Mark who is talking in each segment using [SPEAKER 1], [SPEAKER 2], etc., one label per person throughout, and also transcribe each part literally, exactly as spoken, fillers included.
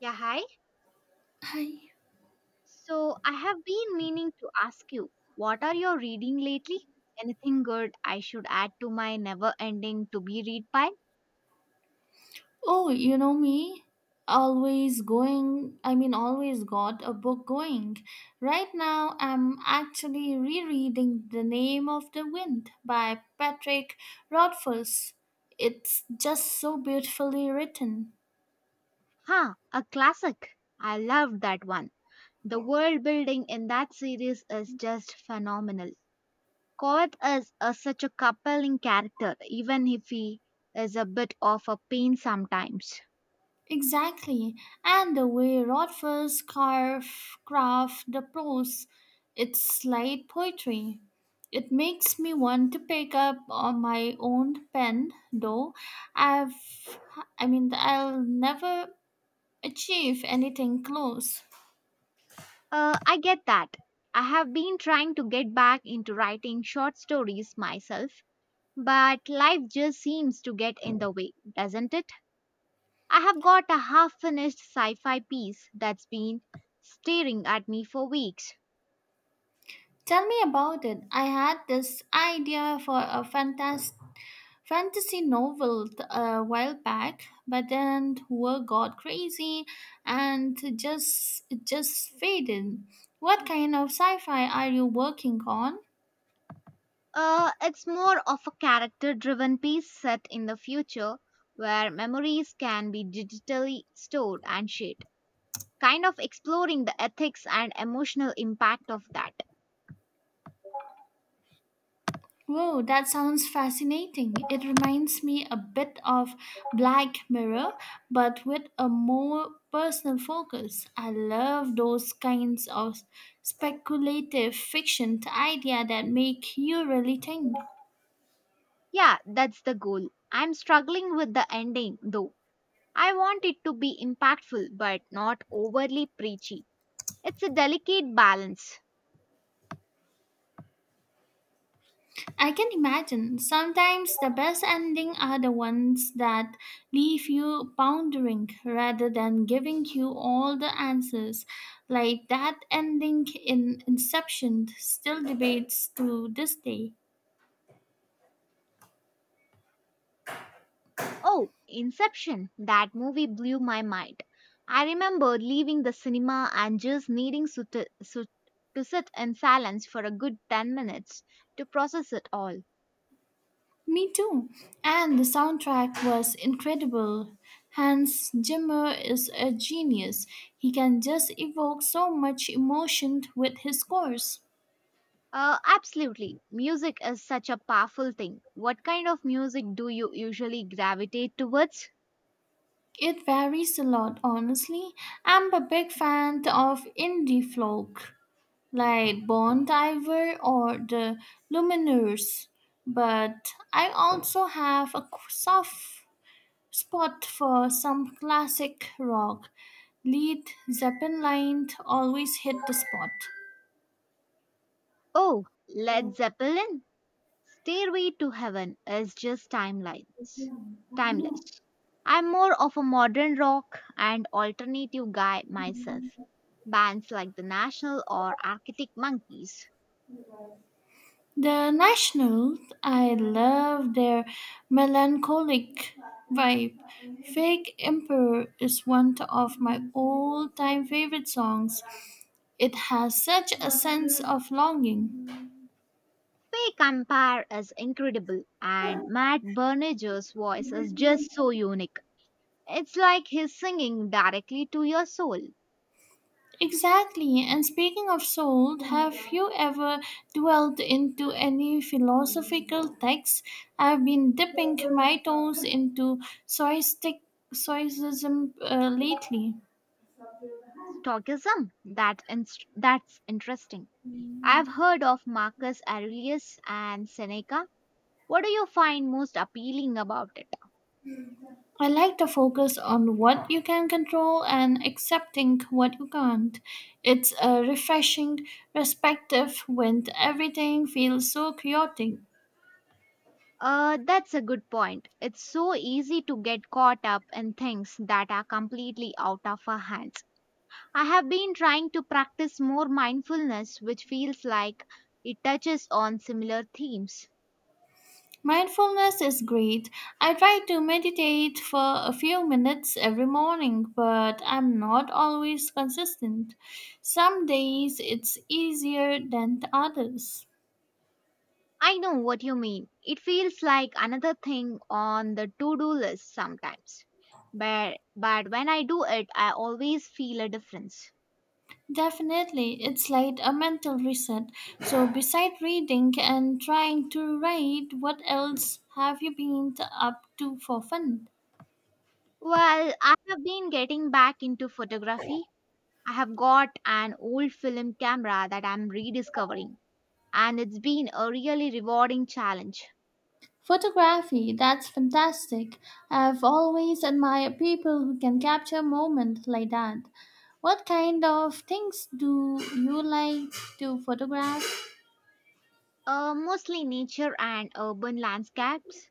[SPEAKER 1] Yeah, hi.
[SPEAKER 2] Hi.
[SPEAKER 1] So I have been meaning to ask you, what are you reading lately? Anything good I should add to my never ending to be read pile?
[SPEAKER 2] Oh, you know me? Always going, I mean, always got a book going. Right now, I'm actually rereading The Name of the Wind by Patrick Rothfuss. It's just so beautifully written.
[SPEAKER 1] Huh, a classic. I loved that one. The world building in that series is just phenomenal. Kovac is a, such a compelling character, even if he is a bit of a pain sometimes.
[SPEAKER 2] Exactly. And the way Rodgers carve, craft the prose, it's light poetry. It makes me want to pick up on my own pen, though I've, I mean, I'll never achieve anything close.
[SPEAKER 1] Uh, I get that. I have been trying to get back into writing short stories myself, but life just seems to get in the way, doesn't it? I have got a half finished sci fi piece that's been staring at me for weeks.
[SPEAKER 2] Tell me about it. I had this idea for a fantastic fantasy novel th- a while back, but then work got crazy and just it just faded. What kind of sci-fi are you working on?
[SPEAKER 1] Uh, it's more of a character driven piece set in the future where memories can be digitally stored and shared, kind of exploring the ethics and emotional impact of that.
[SPEAKER 2] Whoa, that sounds fascinating. It reminds me a bit of Black Mirror, but with a more personal focus. I love those kinds of speculative fiction, the idea that make you really think.
[SPEAKER 1] Yeah, that's the goal. I'm struggling with the ending though. I want it to be impactful but not overly preachy. It's a delicate balance.
[SPEAKER 2] I can imagine. Sometimes the best ending are the ones that leave you pondering rather than giving you all the answers. Like that ending in Inception, still debates to this day.
[SPEAKER 1] Oh, Inception. That movie blew my mind. I remember leaving the cinema and just needing so to, so- to sit in silence for a good ten minutes to process it all.
[SPEAKER 2] Me too. And the soundtrack was incredible. Hans Zimmer is a genius. He can just evoke so much emotion with his scores.
[SPEAKER 1] Uh, absolutely. Music is such a powerful thing. What kind of music do you usually gravitate towards?
[SPEAKER 2] It varies a lot, honestly. I'm a big fan of indie folk, like Bon Iver or the Lumineers, but I also have a soft spot for some classic rock. Lead Zeppelin always hit the spot.
[SPEAKER 1] Oh, Led Zeppelin? Stairway to Heaven is just timelines. Timeless. I'm more of a modern rock and alternative guy myself. Bands like The National or Arctic Monkeys.
[SPEAKER 2] The Nationals, I love their melancholic vibe. Fake Emperor is one of my all time favorite songs. It has such a sense of longing.
[SPEAKER 1] Fake Empire is incredible and Matt Berninger's voice is just so unique. It's like he's singing directly to your soul.
[SPEAKER 2] Exactly, and speaking of soul, have you ever dwelled into any philosophical texts? I've been dipping my toes into soistic, soicism uh, lately.
[SPEAKER 1] Stoicism, that inst- that's interesting. I've heard of Marcus Aurelius and Seneca. What do you find most appealing about it?
[SPEAKER 2] I like to focus on what you can control and accepting what you can't. It's a refreshing perspective when everything feels so chaotic.
[SPEAKER 1] Uh, that's a good point. It's so easy to get caught up in things that are completely out of our hands. I have been trying to practice more mindfulness, which feels like it touches on similar themes.
[SPEAKER 2] Mindfulness is great. I try to meditate for a few minutes every morning, but I'm not always consistent. Some days it's easier than the others.
[SPEAKER 1] I know what you mean. It feels like another thing on the to do list sometimes. But, but when I do it, I always feel a difference.
[SPEAKER 2] Definitely, it's like a mental reset. So, beside reading and trying to write, what else have you been t- up to for fun?
[SPEAKER 1] Well, I have been getting back into photography. I have got an old film camera that I'm rediscovering, and it's been a really rewarding challenge.
[SPEAKER 2] Photography, that's fantastic. I've always admired people who can capture moments like that. What kind of things do you like to photograph?
[SPEAKER 1] Uh, mostly nature and urban landscapes.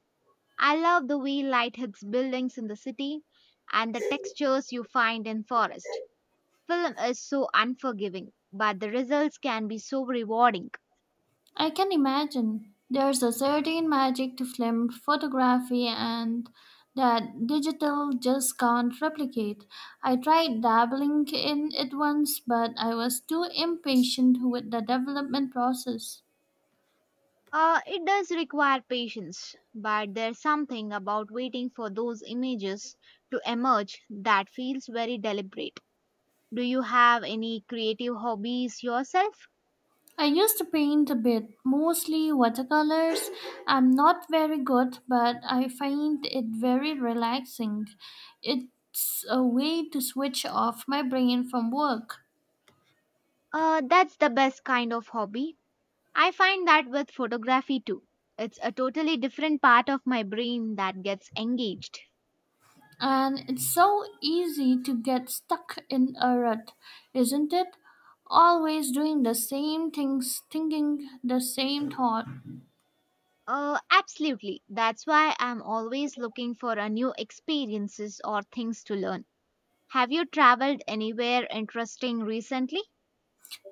[SPEAKER 1] I love the way light hits buildings in the city and the textures you find in forest. Film is so unforgiving, but the results can be so rewarding.
[SPEAKER 2] I can imagine there's a certain magic to film photography and that digital just can't replicate. I tried dabbling in it once, but I was too impatient with the development process.
[SPEAKER 1] Uh, it does require patience, but there's something about waiting for those images to emerge that feels very deliberate. Do you have any creative hobbies yourself?
[SPEAKER 2] I used to paint a bit, mostly watercolors. I'm not very good, but I find it very relaxing. It's a way to switch off my brain from work.
[SPEAKER 1] Uh, that's the best kind of hobby. I find that with photography too. It's a totally different part of my brain that gets engaged.
[SPEAKER 2] And it's so easy to get stuck in a rut, isn't it? Always doing the same things, thinking the same thought.
[SPEAKER 1] Uh, absolutely. That's why I'm always looking for a new experiences or things to learn. Have you traveled anywhere interesting recently?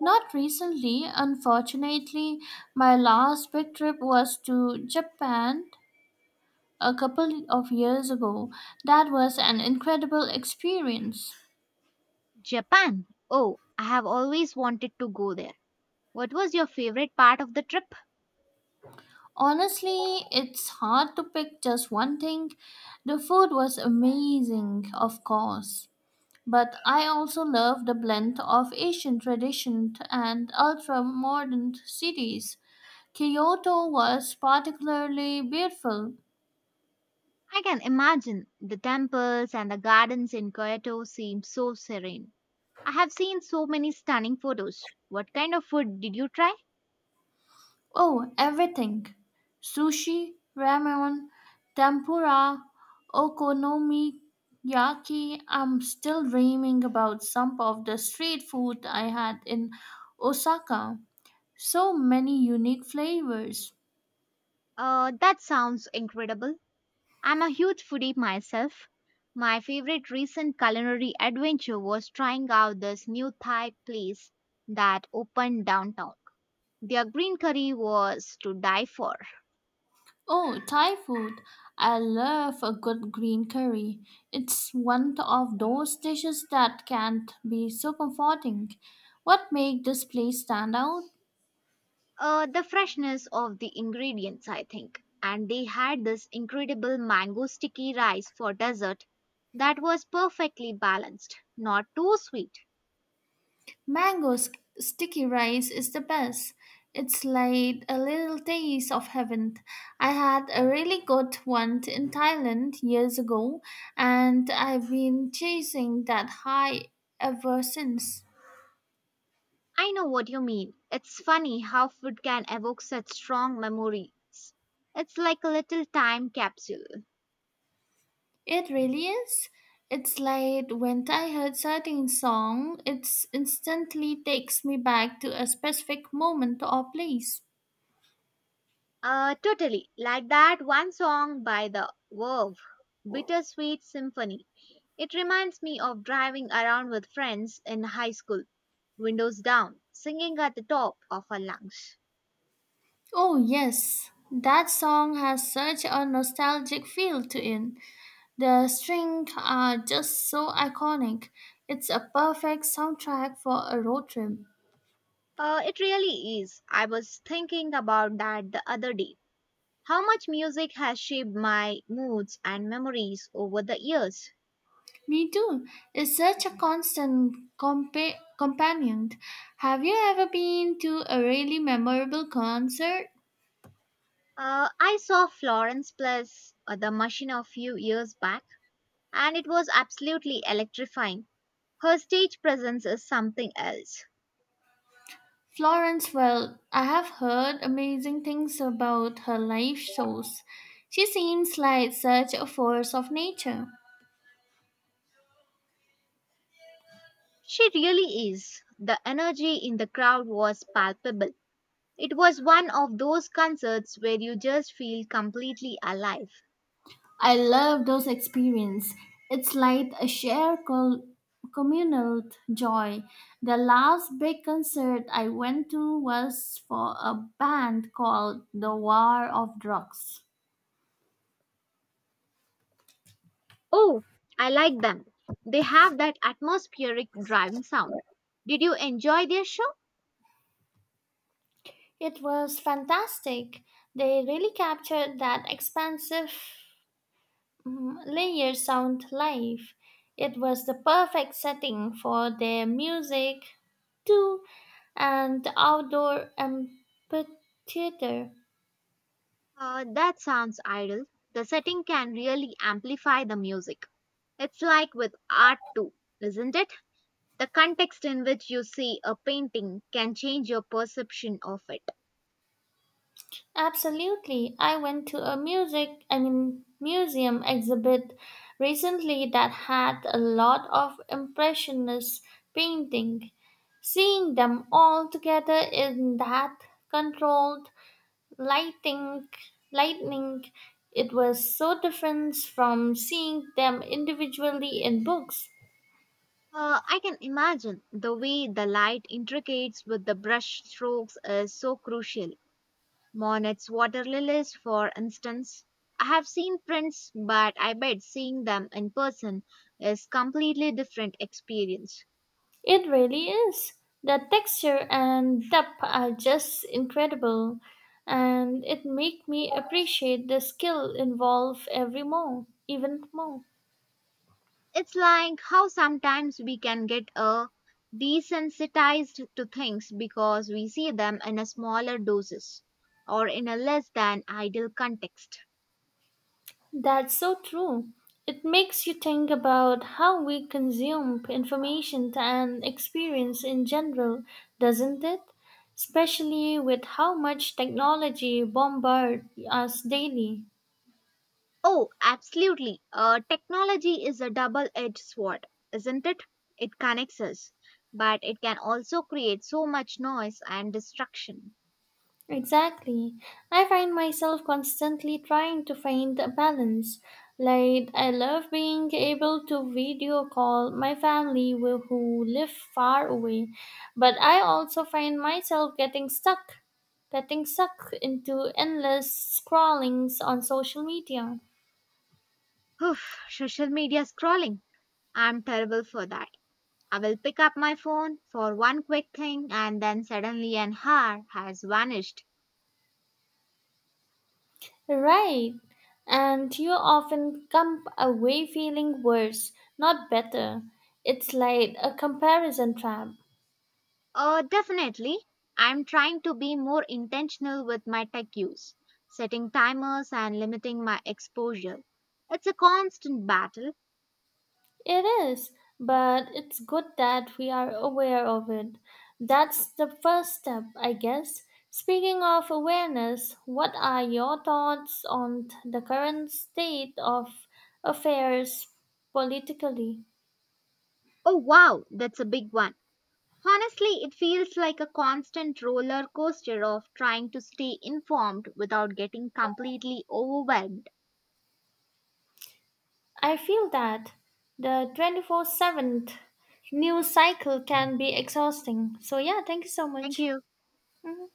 [SPEAKER 2] Not recently, unfortunately. My last big trip was to Japan a couple of years ago. That was an incredible experience.
[SPEAKER 1] Japan. Oh, I have always wanted to go there. What was your favorite part of the trip?
[SPEAKER 2] Honestly, it's hard to pick just one thing. The food was amazing, of course, but I also love the blend of Asian tradition and ultra modern cities. Kyoto was particularly beautiful.
[SPEAKER 1] I can imagine the temples and the gardens in Kyoto seem so serene. I have seen so many stunning photos. What kind of food did you try?
[SPEAKER 2] Oh, everything: sushi, ramen, tempura, okonomiyaki. I'm still dreaming about some of the street food I had in Osaka. So many unique flavors.
[SPEAKER 1] Uh, that sounds incredible. I'm a huge foodie myself. My favorite recent culinary adventure was trying out this new Thai place that opened downtown. Their green curry was to die for.
[SPEAKER 2] Oh, Thai food. I love a good green curry. It's one of those dishes that can be so comforting. What makes this place stand out?
[SPEAKER 1] Uh, the freshness of the ingredients, I think. And they had this incredible mango sticky rice for dessert that was perfectly balanced, not too sweet.
[SPEAKER 2] Mango s- sticky rice is the best. It's like a little taste of heaven. I had a really good one in Thailand years ago, and I've been chasing that high ever since.
[SPEAKER 1] I know what you mean. It's funny how food can evoke such strong memories. It's like a little time capsule.
[SPEAKER 2] It really is. It's like when I heard certain song, it instantly takes me back to a specific moment or place.
[SPEAKER 1] Uh, totally. Like that one song by The Verve, Bittersweet Symphony. It reminds me of driving around with friends in high school, windows down, singing at the top of our lungs.
[SPEAKER 2] Oh yes, that song has such a nostalgic feel to it. The strings are just so iconic. It's a perfect soundtrack for a road trip.
[SPEAKER 1] Uh, it really is. I was thinking about that the other day. How much music has shaped my moods and memories over the years.
[SPEAKER 2] Me too. It's such a constant compa- companion. Have you ever been to a really memorable concert?
[SPEAKER 1] Uh, I saw Florence Plus, uh, The Machine, a few years back, and it was absolutely electrifying. Her stage presence is something else.
[SPEAKER 2] Florence, well, I have heard amazing things about her live shows. She seems like such a force of nature.
[SPEAKER 1] She really is. The energy in the crowd was palpable. It was one of those concerts where you just feel completely alive.
[SPEAKER 2] I love those experiences. It's like a shared col- communal joy. The last big concert I went to was for a band called The War of Drugs.
[SPEAKER 1] Oh, I like them. They have that atmospheric driving sound. Did you enjoy their show?
[SPEAKER 2] It was fantastic. They really captured that expansive Mm, Layer Sound Live. It was the perfect setting for their music, too, and the outdoor amphitheater.
[SPEAKER 1] Uh, that sounds idle. The setting can really amplify the music. It's like with art too, isn't it? The context in which you see a painting can change your perception of it.
[SPEAKER 2] Absolutely. I went to a music, I mean, museum exhibit recently that had a lot of impressionist painting. Seeing them all together in that controlled I lightning, it was so different from seeing them individually in books.
[SPEAKER 1] Uh, I can imagine the way the light intricates with the brush strokes is so crucial. Monet's water lilies, for instance. I have seen prints, but I bet seeing them in person is completely different experience.
[SPEAKER 2] It really is. The texture and depth are just incredible, and it make me appreciate the skill involved every more, even more.
[SPEAKER 1] It's like how sometimes we can get uh, desensitized to things because we see them in a smaller doses or in a less than ideal context.
[SPEAKER 2] That's so true. It makes you think about how we consume information and experience in general, doesn't it? Especially with how much technology bombards us daily.
[SPEAKER 1] Oh, absolutely. Uh, technology is a double edged sword, isn't it? It connects us, but it can also create so much noise and distraction.
[SPEAKER 2] Exactly. I find myself constantly trying to find a balance. Like, I love being able to video call my family who who live far away, but I also find myself getting stuck, getting stuck into endless scrollings on social media.
[SPEAKER 1] Oof, social media scrolling. I'm terrible for that. I will pick up my phone for one quick thing and then suddenly an hour has vanished.
[SPEAKER 2] Right. And you often come away feeling worse, not better. It's like a comparison trap.
[SPEAKER 1] Uh, definitely. I'm trying to be more intentional with my tech use, setting timers and limiting my exposure. It's a constant battle.
[SPEAKER 2] It is, but it's good that we are aware of it. That's the first step, I guess. Speaking of awareness, what are your thoughts on t- the current state of affairs politically?
[SPEAKER 1] Oh wow, that's a big one. Honestly, it feels like a constant roller coaster of trying to stay informed without getting completely overwhelmed.
[SPEAKER 2] I feel that the twenty-four seven news cycle can be exhausting. So, yeah, thank you so
[SPEAKER 1] Thank
[SPEAKER 2] much.
[SPEAKER 1] you.
[SPEAKER 2] Mhm.